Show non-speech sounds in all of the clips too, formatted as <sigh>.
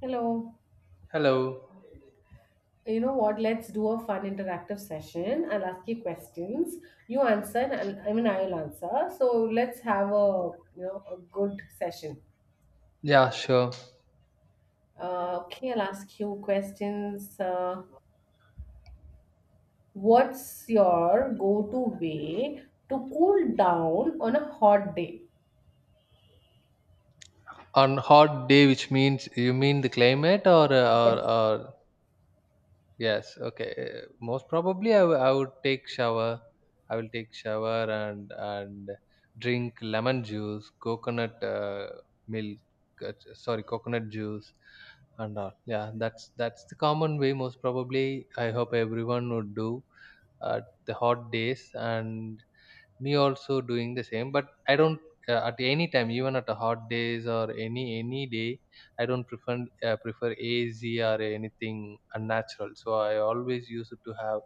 Hello. Hello. You know what? Let's do a fun interactive session. I'll ask you questions. You answer, and I'll answer. So let's have a you know a good session. Yeah, sure. Okay, I'll ask you questions. What's your go-to way to cool down on a hot day? On hot day, which means you mean the climate or or Yes. or yes, okay. Most probably, I would take shower. I will take shower and drink lemon juice, coconut milk. Sorry, coconut juice and all. Yeah, that's the common way. Most probably, I hope everyone would do at the hot days and me also doing the same, but I don't, at any time, even at a hot days or any day, I don't prefer az or anything unnatural. So I always used to have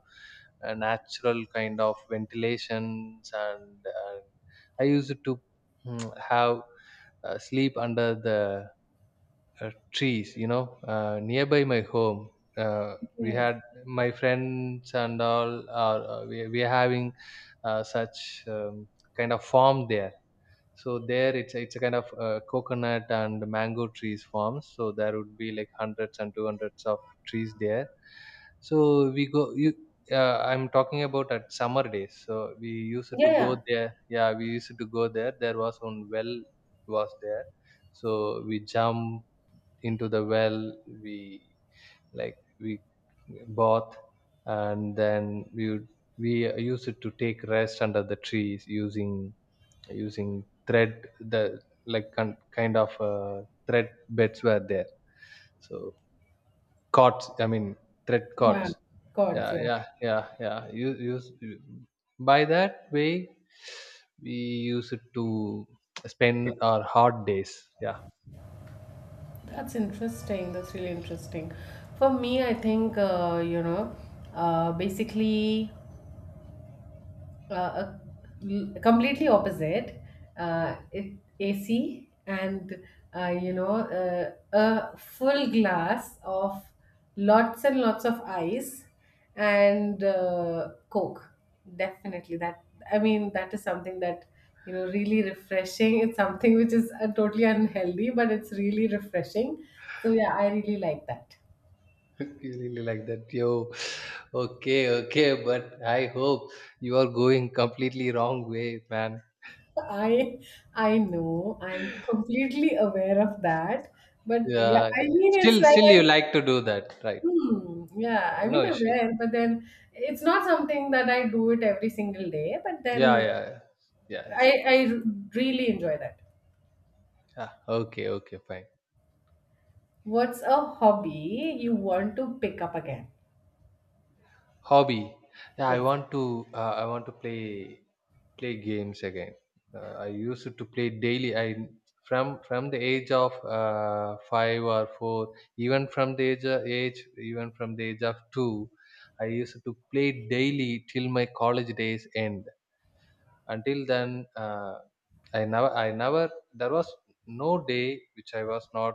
a natural kind of ventilations, and I used to have, sleep under the trees, nearby my home. Yeah. We Yeah. had my friends and all. We are having such um, kind of farm there. So there, it's a kind of coconut and mango trees farms, so there would be like hundreds and two hundreds of trees there. So we go you I'm talking about at summer days. So we used to go Yeah. there. Yeah, we used to go there. There was one well was there, so we jump into the well. We like we bath and then we would, we use it to take rest under the trees, using thread, the like kind of thread beds were there. So cots, I mean thread Yeah. cots. Gods. yeah Yeah. yeah yeah yeah Use by that way we use it to spend our hard days. Yeah, That's interesting. That's really interesting. For me, I think basically, uh, l- completely opposite AC and a full glass of lots and lots of ice and coke. Definitely that, I mean, that is something that, you know, really refreshing. It's something which is totally unhealthy, but it's really refreshing. So yeah, I really like that. really like that, yo. Okay, okay, but I hope you are going completely wrong way, man. I I know. I'm completely aware of that. But yeah, Yeah, I okay. mean it's still like still I, you like to do that, right? hmm, yeah, Yeah, I no mean issues. aware, but then it's not something that I do it every single day, but Yeah, then yeah, yeah, yeah, I it's- I really enjoy that. yeah. Okay, okay, fine. What's a hobby you want to pick up again? Hobby. Yeah, Yes. I want to play games again. I used to play daily. I from the age of five or four, age even from the age of two, I used to play daily till my college days end. Until then, I never, there was no day which I was not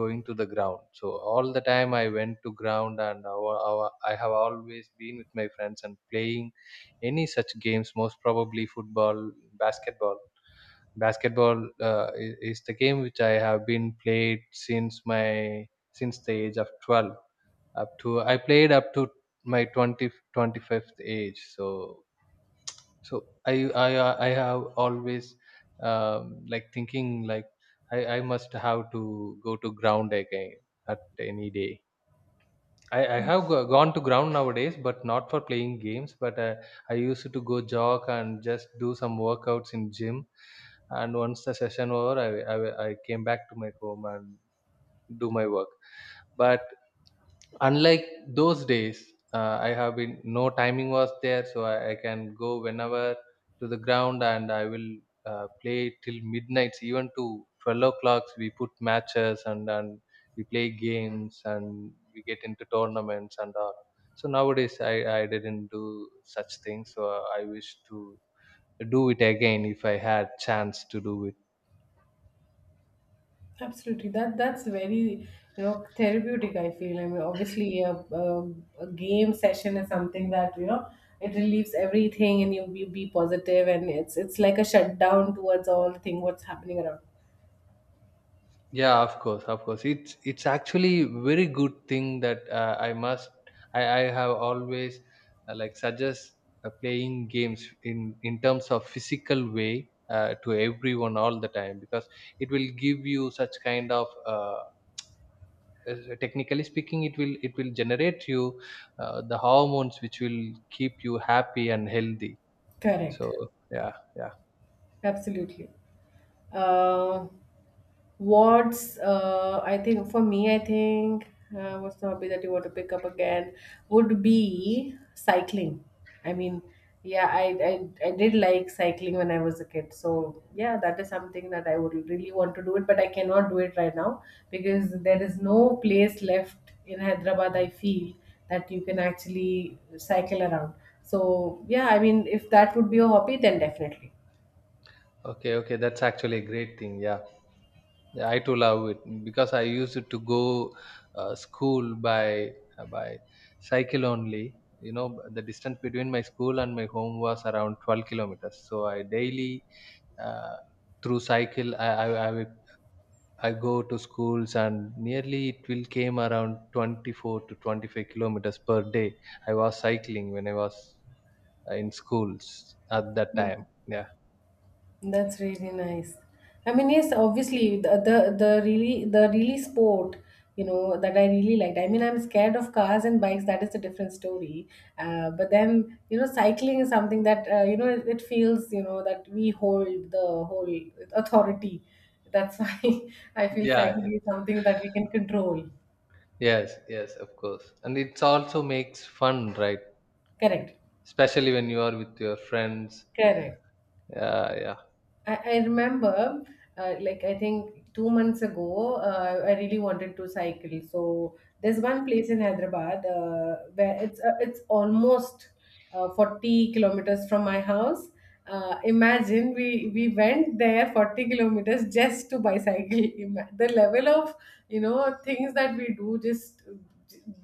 going to the ground. So all the time I went to ground, and I have always been with my friends and playing any such games, most probably football, basketball basketball. Is the game which I have been played since my since the age of 12. Up to, I played up to my 20, 25th age. So i I have always like thinking, like, I must have to go to ground again at any day. I gone to ground nowadays, but not for playing games, but I used to go jog and just do some workouts in gym. And once the session over, I came back to my home and do my work. But unlike those days, I have been no timing was there. So I can go whenever to the ground, and I will play till midnights, even to 12 o'clocks, we put matches and we play games and we get into tournaments and all. So nowadays I didn't do such things. So I wish to do it again if I had chance to do it. Absolutely. That's very, you know, therapeutic, I feel. I mean, obviously a game session is something that, you know, it relieves everything and you be positive, and it's like a shutdown towards all thing what's happening around. Yeah, of course, of course. It's actually very good thing that I must. I have always like suggest playing games in terms of physical way to everyone all the time, because it will give you such kind of. Technically speaking, it will generate you the hormones which will keep you happy and healthy. So Correct. yeah, yeah. Absolutely. Uh, what's I think For me, I think what's the hobby that you want to pick up again would be cycling. I mean, yeah, I, I did like cycling when I was a kid, so yeah, that is something that I would really want to do it, but I cannot do it right now because there is no place left in Hyderabad. I feel that you can actually cycle around. So yeah, I mean, if that would be a hobby, then definitely. Okay, okay, that's actually a great thing. Yeah, yeah, I too love it, because I used to go school by uh, by cycle only. You know, the distance between my school and my home was around 12 kilometers. So I daily, uh, through cycle, I go to schools, and nearly it will came around 24 to 25 kilometers per day. I was cycling when I was in schools at that time. Yeah. That's really nice. I mean, yes, obviously the really sport, you know, that I really liked. I mean, I'm scared of cars and bikes. That is a different story. But then, you know, cycling is something that, you know, it feels, you know, that we hold the whole authority. That's why <laughs> I feel Yeah. cycling is something that we can control. Yes. Yes. Of course. And it's also makes fun, right? Correct. Especially when you are with your friends. Correct. Yeah, yeah, I remember, I think 2 months ago, I really wanted to cycle. So there's one place in Hyderabad where it's almost 40 kilometers from my house. Imagine we went there 40 kilometers just to bicycle. <laughs> The level of, you know, things that we do just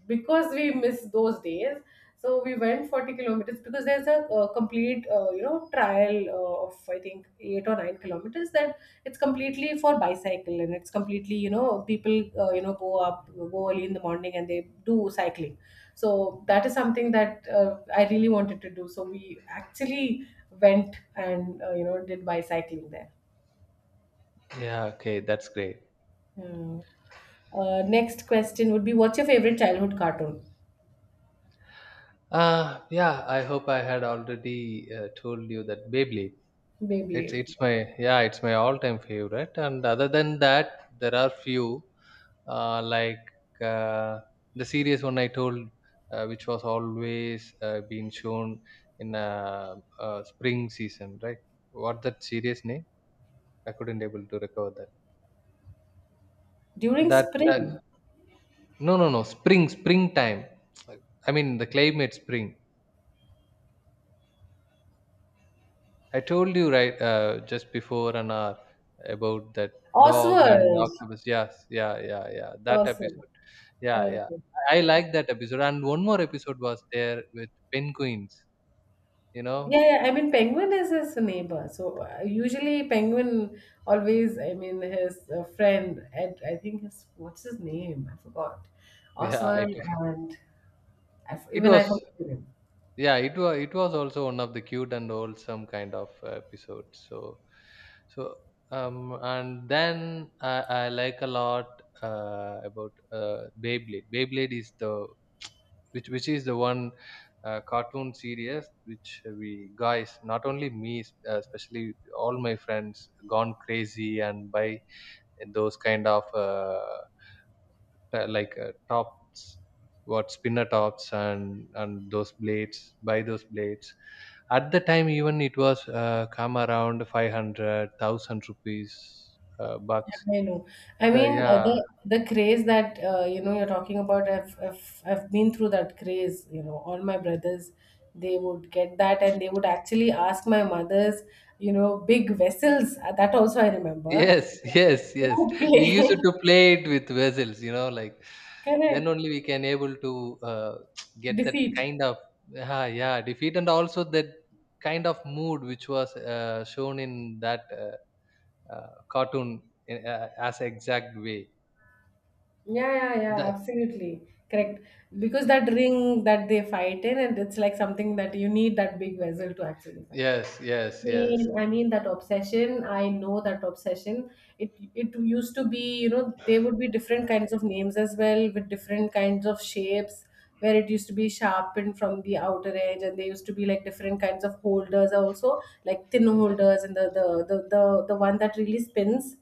because we miss those days, so we went 40 kilometers because there's a complete trial of, I think, 8 or 9 kilometers that it's completely for bicycle, and it's completely, you know, people go early in the morning and they do cycling. So that is something that I really wanted to do, so we actually went and, did bicycling there. yeah. Okay, that's great. Hmm. Uh, next question would be, what's your favorite childhood cartoon? Yeah, I hope I had already told you that Beyblade. It's Beyblade. it's my, yeah, it's my all-time favorite. And other than that, there are few uh, like uh, the series one I told, which was always being shown in spring season, right? What that series name? I couldn't able to recover that. During That spring. that No, no, no. Spring, springtime. Like, I mean, the climate spring. I told you, right, just before an hour about that dog and Oswald. octopus. Yes, yeah, yeah, yeah. That Oswald. episode. Yeah, yeah. Okay. I like that episode. And one more episode was there with penguins. You know. <laughs> Yeah, yeah, I mean, penguin is his neighbor. So usually, penguin always, I mean, his friend, and I think his, what's his name? I forgot. Yeah, I Oswald took. and It even I was. forgot the name. Yeah, it was, it was also one of the cute and wholesome kind of episodes. So, so um and then i, I like a lot about Beyblade is the, which is the one cartoon series, which we guys, not only me, especially all my friends, gone crazy and buy those kind of tops, what spinner tops, and those blades, buy those blades. At the time, even it was come around 500,000 rupees, bucks. I know. I So, mean, yeah. The craze that, you know, you're talking about. I've been through that craze. You know, all my brothers, they would get that, and they would actually ask my mother's, you know, big vessels. That also I remember Yes, yes, yes. to We play. used to <laughs> play it with vessels, you know, like then Correct. only we can able to <tsk> get that Defeat. kind of, yeah, yeah, defeat, and also that kind of mood which was shown in that, cartoon in, as exact way. Yeah, yeah, yeah. That, Absolutely correct. Because that ring that they fight in, and it's like something that you need that big vessel to actually fight. yes, yes, yes, Mean, I mean that obsession. I know that obsession. It used to be, you know, there would be different kinds of names as well with different kinds of shapes, where it used to be sharpened from the outer edge, and there used to be like different kinds of holders also, like thin holders and the one that really spins.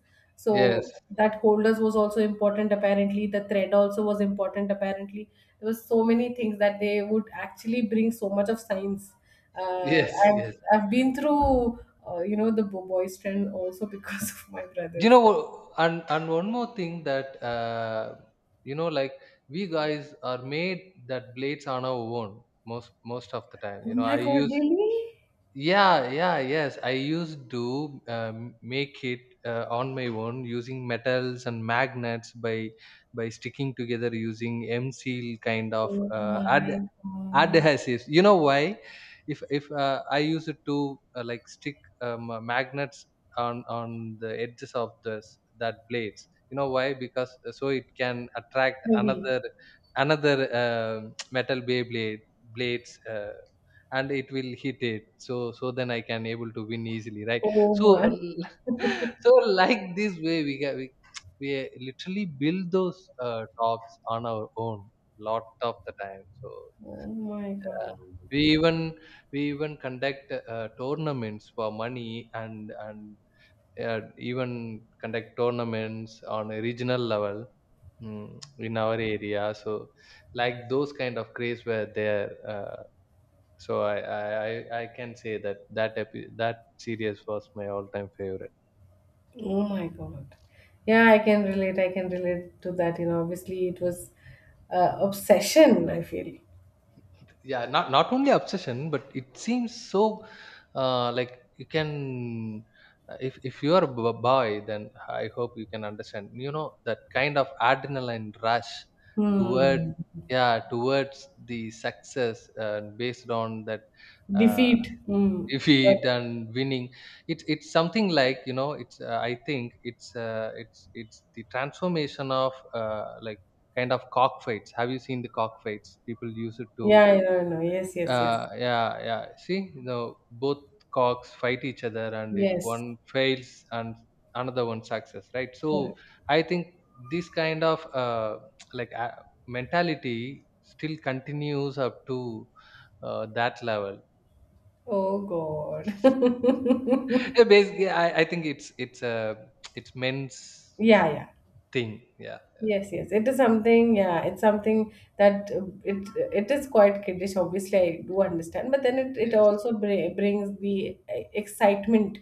yes, So that holders was also important apparently. The thread also was important apparently. There was so many things that they would actually bring so much of science. Uh, yes, I've yes. I've been through, you know, the boys trend also because <laughs> of my You brothers. know, and one more thing that, you know, like, we guys are made that blades on our own most of the time, Oh you know. I my god, use really? Yeah, yeah, yes, I used to make it on my own, using metals and magnets, by sticking together, using m seal kind of Oh ad my god, adhesives, you know why? If I use it to like stick magnets on the edges of this that blades, you know why? Because so it can attract heavy. Another <tsk> metal bay blade blades, and it will hit it. So, so then I can able to win easily, right? Oh So my. <laughs> so, like this way we <tsk> we literally build those tops on our own lot of the time. So Oh my god. we even, we even conduct tournaments for money, and even conduct tournaments on a regional level, mm, in our area. So like those kind of craze were there, so I, I i I can say that that series was my all time favorite. Oh my god. Yeah, I can relate. I can relate to that. You know, obviously it was obsession, I feel. Yeah, not only obsession, but it seems so, like, you can, if you are a boy, then I hope you can understand, you know, that kind of adrenaline rush toward, Hmm. yeah, towards the success, based on that, uh, Defeat. <laughs> Hmm. defeat But and winning. It's something like, you know, it's, I think it's the transformation of, like, kind of cockfights. Have you seen the cockfights? People use it to, yeah, I know, I know. Yes, yes, yes. Yeah, yeah. See, you know, both cocks fight each other, and if Yes. one fails and another one success, right? So Correct. I think this kind of like uh, mentality still continues up to that level. <laughs> Oh God. <laughs> Yeah, basically, I think it's men's Yeah, yeah. thing. Yeah. Yes, yes. It is something, yeah, it's something that, it it is quite kiddish, obviously I do understand, but then it Yes, also br brings the excitement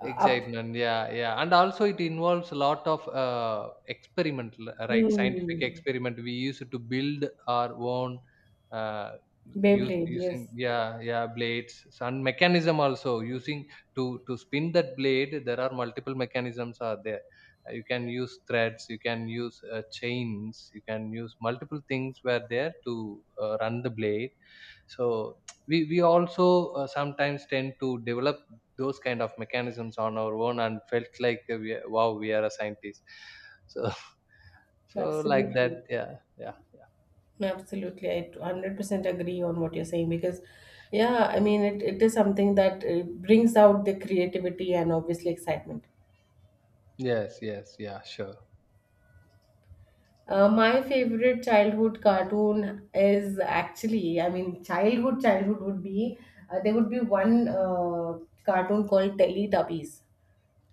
up. excitement, yeah, yeah, and also it involves a lot of experiment, right? Scientific Hmm. experiment. We used to build our own uh, use Beyblade, yes. using yeah, yeah, blades and mechanism also, using to spin that blade. There are multiple mechanisms are there. You can use threads, you can use chains, you can use multiple things were there to run the blade so we also sometimes tend to develop those kind of mechanisms on our own and felt like wow we are a scientist so <laughs> so like that Absolutely. yeah, yeah, yeah. Absolutely. I 100% agree on what you're saying because, yeah, I mean, it is something that brings out the creativity and obviously excitement. Yes, yes, yeah, sure. My favorite childhood cartoon is actually, I mean, childhood, childhood would be, there would be one cartoon called Teletubbies.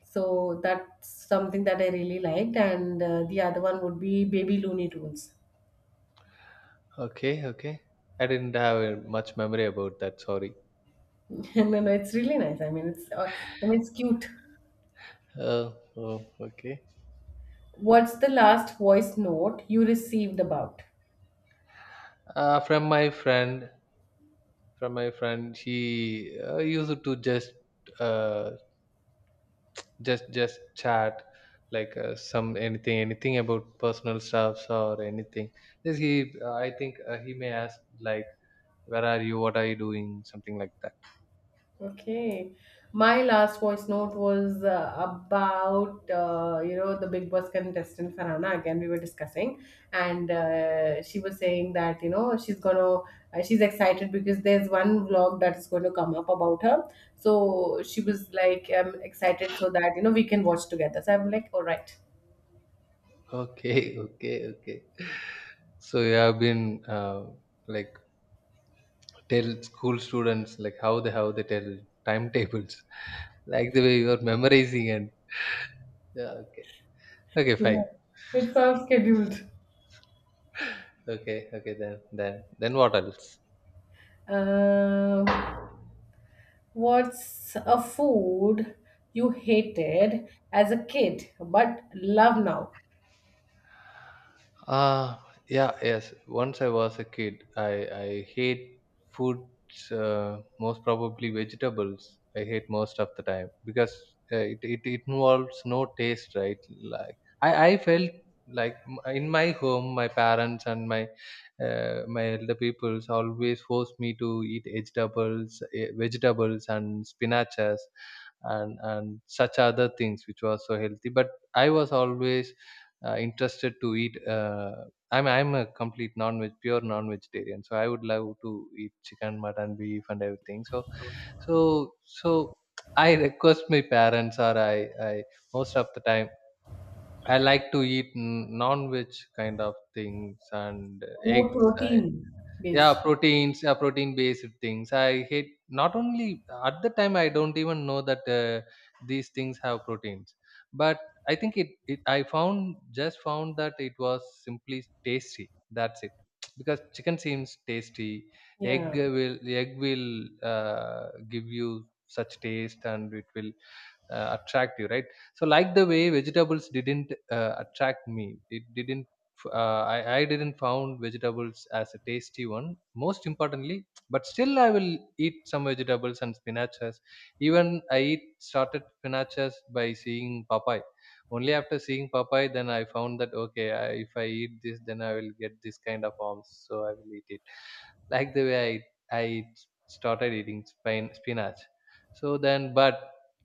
So that's something that I really liked. And the other one would be Baby Looney Tunes. Okay, okay. I didn't have much memory about that, sorry. <laughs> No, no, it's really nice. I mean, it's cute. uh, oh, okay. What's the last voice note you received about? From my friend, she used to just uh, just chat, like some, anything about personal stuffs or anything. This he I think he may ask, like, where are you, what are you doing, something like that. Okay. My last voice note was about, you know, the Big Boss contestant Farhana. Again, we were discussing, and she was saying that, you know, she's excited because there's one vlog that's going to come up about her. So she was like, I'm excited so that, you know, we can watch together. So I'm like, all right. Okay. <laughs> Okay, okay. So you have been uh, like tell school students like how they tell timetables. <laughs> Like the way you are memorizing and, yeah, okay, okay, Yeah. fine. It's all scheduled. <laughs> Okay, okay. Then what else? Um, What's a food you hated as a kid but love now? Uh, yeah, yes. Once I was a kid, I hate foods, most probably vegetables. I hate most of the time because it involves no taste, right? Like I felt like in my home, my parents and my my elder peoples always forced me to eat vegetables, vegetables and spinaches, and such other things which was so healthy. But I was always interested to eat. I'm a complete non-veg, pure non-vegetarian, so I would love to eat chicken, mutton, beef, and everything. So so so I request my parents, or I most of the time I like to eat non-veg kind of things and More eggs. Protein yeah, based. proteins, yeah, protein based things I hate. Not only at the time I don't even know that these things have proteins, but I think it, it I found just found that it was simply tasty, that's it. <tsk> Because chicken seems tasty, egg Yeah. will egg will give you such taste and it will attract you, right? So like the way vegetables didn't attract me, it didn't I didn't found vegetables as a tasty one, most importantly. But still I will eat some vegetables and spinaches. Even I eat started spinaches by seeing papaya. Only after seeing papaya then I found that okay, if I eat this then I will get this kind of arms, so I will eat it. Like the way I started eating spinach. So then, but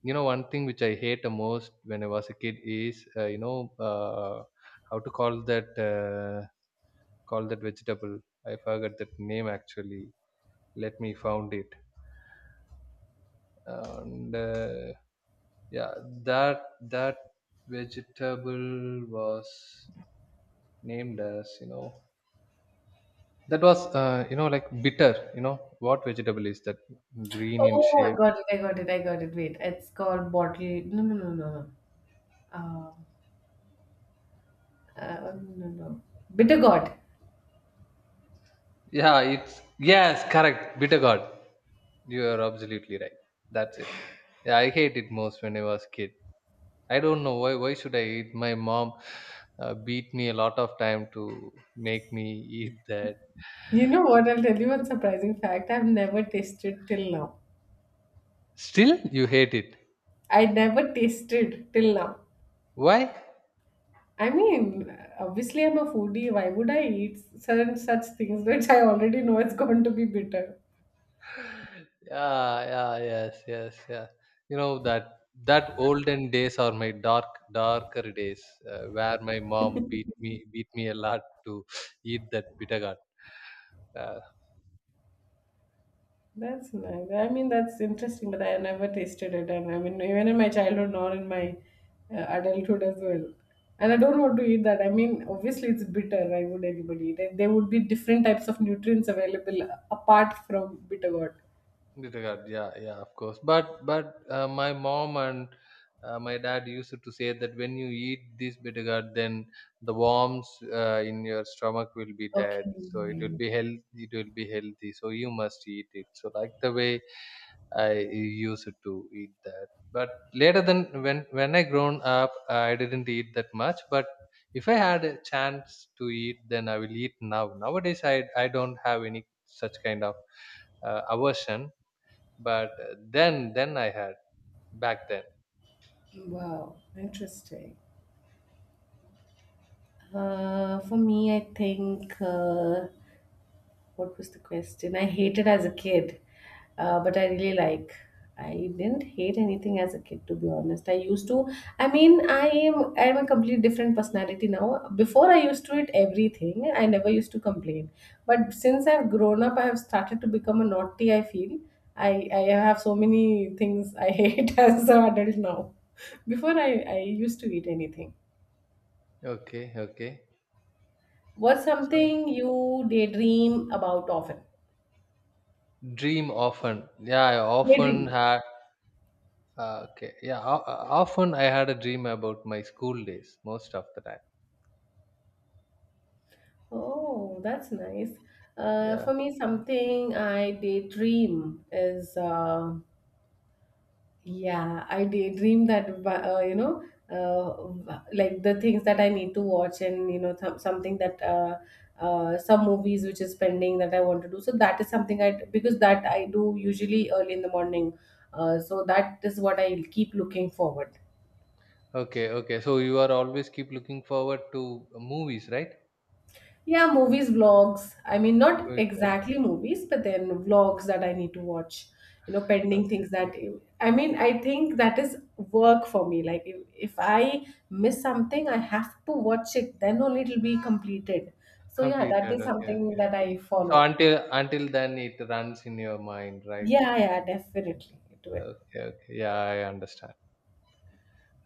you know, one thing which I hate the most when I was a kid is how to call that, call that vegetable. I forgot that name actually. Let me found it. And yeah, that that vegetable was named as, you know, that was like bitter, you know, what vegetable is that, green in Oh, I shape. got it. I got it. I got it. Wait, it's called bottle. No, no, no, no, no. No, no. Bitter gourd. Yeah, it's yes, correct. Bitter God. You are absolutely right. That's it. Yeah, I hate it most when I was kid. I don't know why. Why should I eat? My mom beat me a lot of time to make me eat that. You know what? I'll tell you one surprising fact. I've never tasted till now. Still, you hate it. I never tasted till now. Why? I mean, obviously, I'm a foodie. Why would I eat certain such things which I already know it's going to be bitter? Yeah, yeah, yes, yes, yeah. You know that olden days are my dark, darker days, where my mom beat me a lot to eat that bitter gourd. Uh, That's nice. I mean, that's interesting, but I never tasted it. And I mean, even in my childhood, nor in my adulthood as well. And I don't want to eat that. I mean, obviously, it's bitter. Why would anybody eat it? There would be different types of nutrients available apart from bitter gourd. Disregard, yeah, yeah, of course. But my mom and my dad used to say that when you eat this bittergourd, then the worms in your stomach will be dead. So it will Okay. be health. It will be healthy. So you must eat it. So like the way I used to eat that. But later than, when I grown up, I didn't eat that much. But if I had a chance to eat, then I will eat now. Nowadays, I don't have any such kind of aversion, but then I had back then. Wow. Interesting. For me, I think. What was the question? I hated as a kid, but I really like. I didn't hate anything as a kid, to be honest. I used to. I mean, I am a completely different personality now. Before, I used to eat everything. I never used to complain. But since I've grown up, I have started to become a naughty, I feel. I have so many things I hate <laughs> as an adult now. Before, I used to eat anything. Okay, okay. What's So something you daydream about often? dream often. Yeah, I often Daydream. had okay. Yeah, often I had a dream about my school days most of the time. Oh, that's nice. Yeah. For me, something I daydream is, yeah, I daydream that, you know, like the things that I need to watch, and, you know, something that, some movies which is pending that I want to do. So that is something I, because that I do usually early in the morning. So that is what I keep looking forward. Okay, okay. So you are always keep looking forward to movies, right? Yeah, movies, vlogs. I mean, not Movies. Oh, exactly movies, but then vlogs that I need to watch, you know, pending okay, things that, yeah. I mean, I think that is work for me. Like, if I miss something, I have to watch it, then only it'll be completed. So, yeah, that Completed. is Okay, something okay. that I So follow. until then it runs in your mind, right? Yeah, yeah, definitely do it. Okay, okay. Yeah, I understand.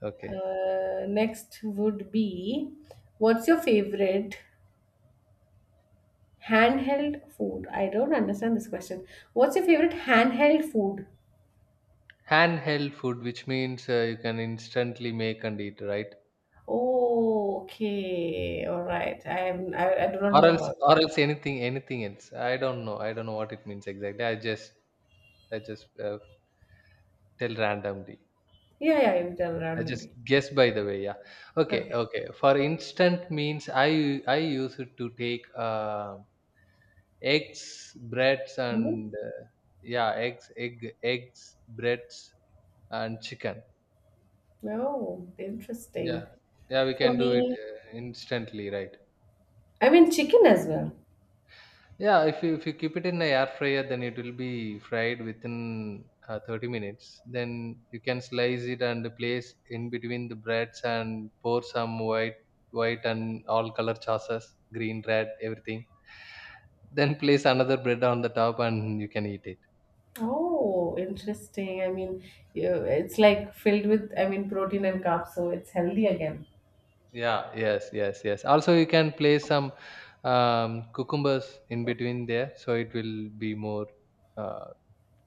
Okay. Next would be, what's your favorite handheld food? I don't understand this question. What's your favorite handheld food? Handheld food, which means you can instantly make and eat, right? Oh, okay. All right. I do not Or know else, about. or else anything, anything else. I don't know. I don't know what it means exactly. I just tell randomly. Yeah, yeah. You tell I just randomly. guess, by the way. Yeah. Okay, Okay. okay. For instant means I use it to take eggs, breads, Mm-hmm. and yeah, eggs, breads, and chicken. Oh, Yeah. interesting. Yeah, we For can do it me, instantly, right? I mean chicken as well. Yeah, if you keep it in the air fryer, then it will be fried within 30 minutes. Then you can slice it and place in between the breads and pour some white, and all color sauces, green, red, everything. Then place another bread on the top and you can eat it. Oh, interesting. I mean, you, it's like filled with, I mean, protein and carbs, so it's healthy again. Yeah, yes, yes, yes. Also, you can place some cucumbers in between there, so it will be more uh,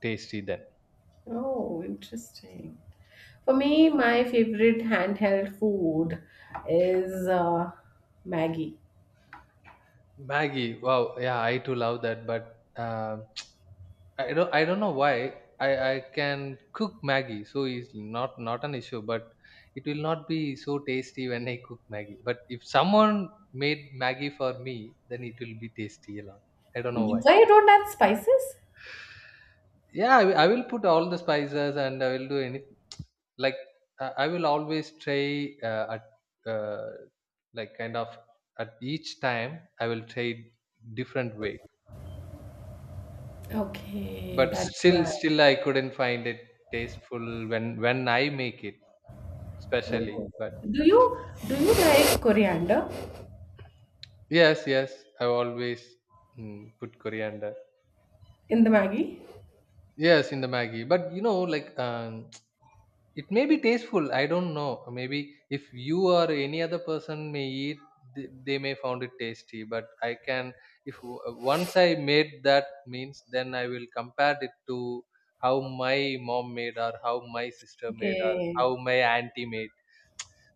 tasty then. Oh, interesting. For me, my favorite handheld food is Maggie. Maggie. Wow. Yeah, I too love that, but <tsk> I don't. I don't know why I can cook Maggie so easily. Not an issue, but it will not be so tasty when I cook Maggie. But if someone made Maggie for me, then it will be tasty a lot. I don't Why know why. you don't add spices? Yeah, I will put all the spices and I will do any, like, I will always try at uh, like kind of at each time I will try different way. Okay, But that's still right. still I couldn't find it tasteful when I make it, especially. Oh. But Do you do you like coriander yes, yes, I always put coriander. in the Maggie? Yes, in the Maggie. But you know, like, <tsk> it may be tasteful. I don't know. Maybe if you or any other person may eat, they may found it tasty. But I can, if w- once I made that means, then I will compare it to how my mom made or how my sister made or Okay. how my auntie made.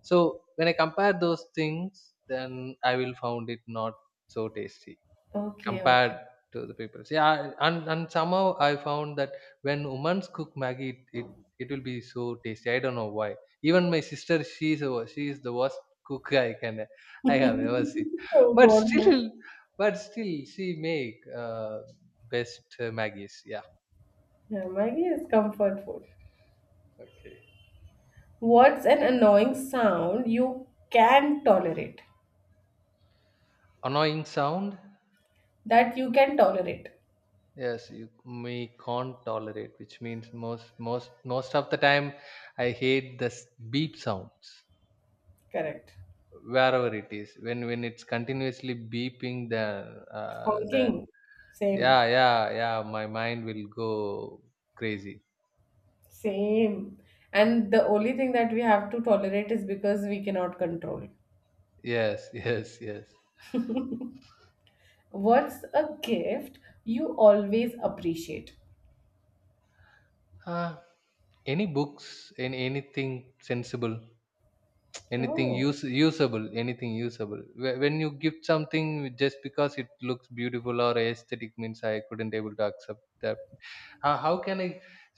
So when I compare those things then I will found it not so tasty Okay, compared okay. to the people. Yeah, and somehow I found that when women cook maggie, it will be so tasty, I don't know why. Even my sister, she is the worst cook I can, I have ever seen. <laughs> Oh but God, still no. She make best maggies, yeah. Yeah, Maggie is comfort food. Okay. What's an annoying sound you can tolerate? Annoying sound. That you can tolerate. Yes, we can't tolerate, which means most of the time, I hate this beep sounds Correct. wherever it is. When it's continuously beeping, then uh, then Honking. Same. yeah, yeah, yeah, my mind will go crazy. Same. And the only thing that we have to tolerate is because we cannot control. Yes, <laughs> yes, yes. What's a gift you always appreciate? Uh, any books? Any anything sensible? Anything Oh. use usable, anything usable. When you gift something just because it looks beautiful or aesthetic means I couldn't able to accept that. How can I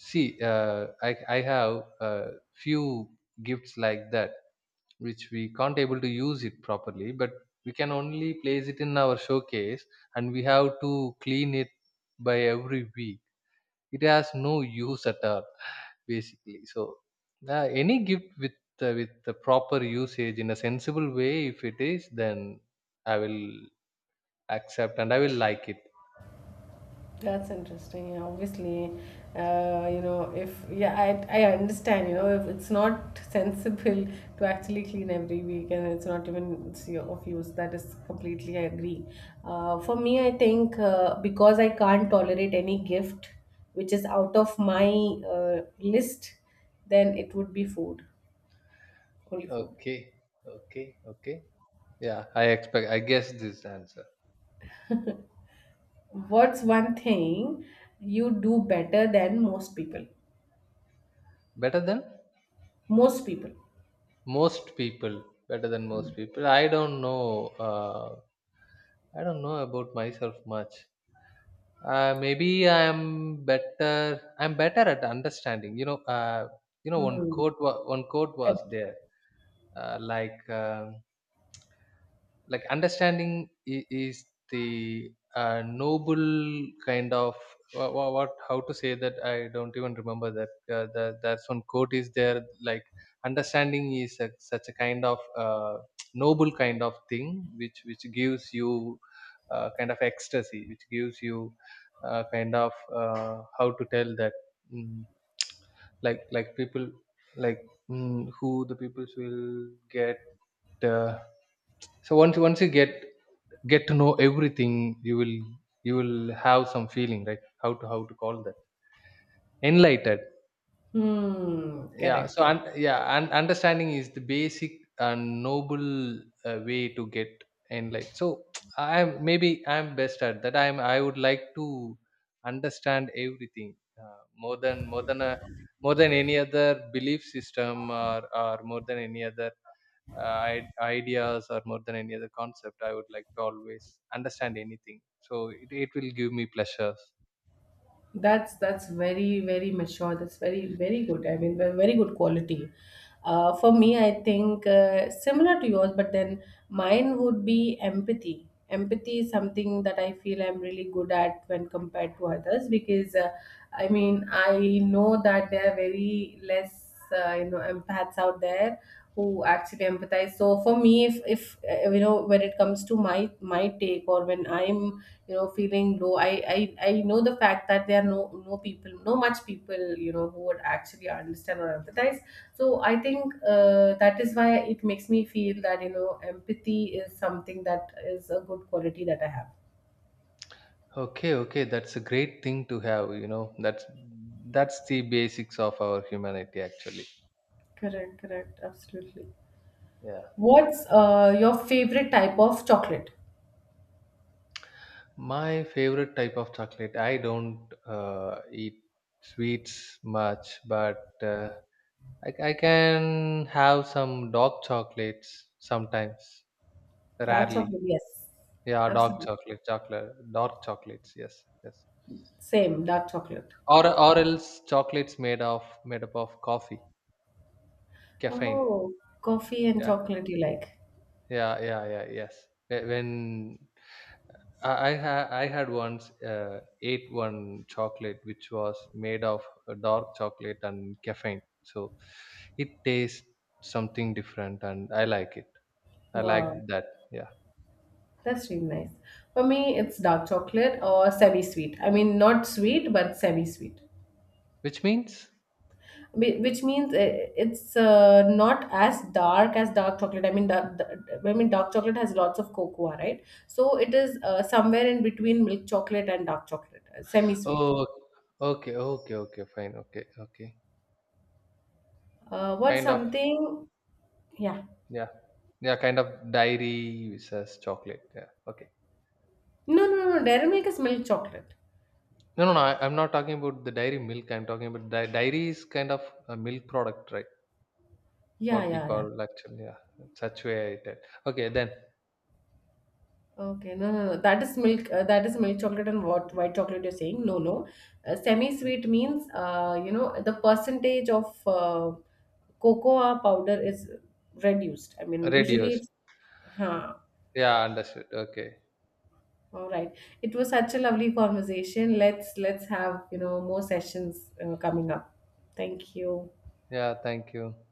see? I have a few gifts like that which we can't able to use it properly, but we can only place it in our showcase and we have to clean it by every week. It has no use at all basically. So any gift with the proper usage in a sensible way, if it is, then I will accept and I will like it. That's interesting. Yeah, obviously, you know, if yeah, I understand. You know, if it's not sensible to actually clean every week, and it's not even it's of use, that is completely I agree. For me, I think because I can't tolerate any gift which is out of my list, then it would be food, only food. Okay, okay, okay. Yeah, I expect, I guess this answer. What's one thing you do better than most people? Better than Most people. most people. Better than most people, I don't know. I don't know about myself much. Maybe I am better. I'm better at understanding, you know. You know, Hmm. One quote was there, uh, like uh, like understanding is the, noble kind of, what, how to say that, I don't even remember that. That's one quote is there, like understanding is a, such a kind of <tsk> noble kind of thing which gives you kind of ecstasy, which gives you kind of how to tell that, mm, like people, like, who the peoples will get uh, so once you get to know everything, you will, you will have some feeling, right? How to, how to call that? Enlightened. Hmm. Yeah, Correct. so, and Correct. yeah, and understanding is the basic and noble way to get enlightened. So <tsk> I'm, maybe I'm best at that. I'm, I would like to understand everything more than a more than any other belief system, or more than any other uh, ideas, or more than any other concept, I would like to always understand anything. So it will give me pleasures. That's very very mature. That's very very good. I mean, very good quality. For me, I think similar to yours, but then mine would be empathy. Empathy is something that I feel I'm really good at when compared to others because, I mean, I know that there are very less, you know, empaths out there who actually empathize. So for me, if you know, when it comes to my my take, or when I'm, you know, feeling low, i, I know the fact that there are no people, no much people, you know, who would actually understand or empathize. So I think, that is why it makes me feel that, you know, empathy is something that is a good quality that I have. Okay, okay, that's a great thing to have, you know, that's the basics of our humanity actually. Correct, correct, absolutely. Yeah. What's your favorite type of chocolate? My favorite type of chocolate, I don't eat sweets much, but I can have some dark chocolates sometimes, Dark rarely. chocolate, yes, Yeah, dark absolutely. chocolate chocolate dark chocolates, yes, yes. Same, dark chocolate. Or else chocolates made of, made up of coffee, caffeine. Oh, coffee and Yeah, chocolate you like. yeah, yeah, yeah, yes. Wh- when I, ha- I had once ate one chocolate which was made of a dark chocolate and caffeine, so it tastes something different and I like it. I like Wow, that. Yeah. that's really nice. For me, it's dark chocolate or semi-sweet. I mean, not sweet, but semi-sweet. Which means, Whi- Which means, it's not as dark as dark chocolate. I mean, dark chocolate has lots of cocoa, right? So it is somewhere in between milk chocolate and dark chocolate, semi-sweet. oh, okay, okay, okay, fine, okay, okay. What's Kind of. something? Yeah. Yeah, yeah, kind of dairy says chocolate, yeah, okay. No, no, no. Dairy milk is milk chocolate. No, no, no. I'm not talking about the dairy milk. I'm talking about dairy is kind of a milk product, right? Yeah, What we yeah, yeah. call actually, yeah, saturated. Okay, then Okay, no, no, no. That is milk. That is milk chocolate, and what white chocolate you're saying. No, no. Semi-sweet means, you know, the percentage of cocoa powder is reduced. I mean, usually radios. it's. Huh. Yeah, understood. Okay. All right. It was such a lovely conversation. Let's have, you know, more sessions coming up. Thank you. Yeah, thank you.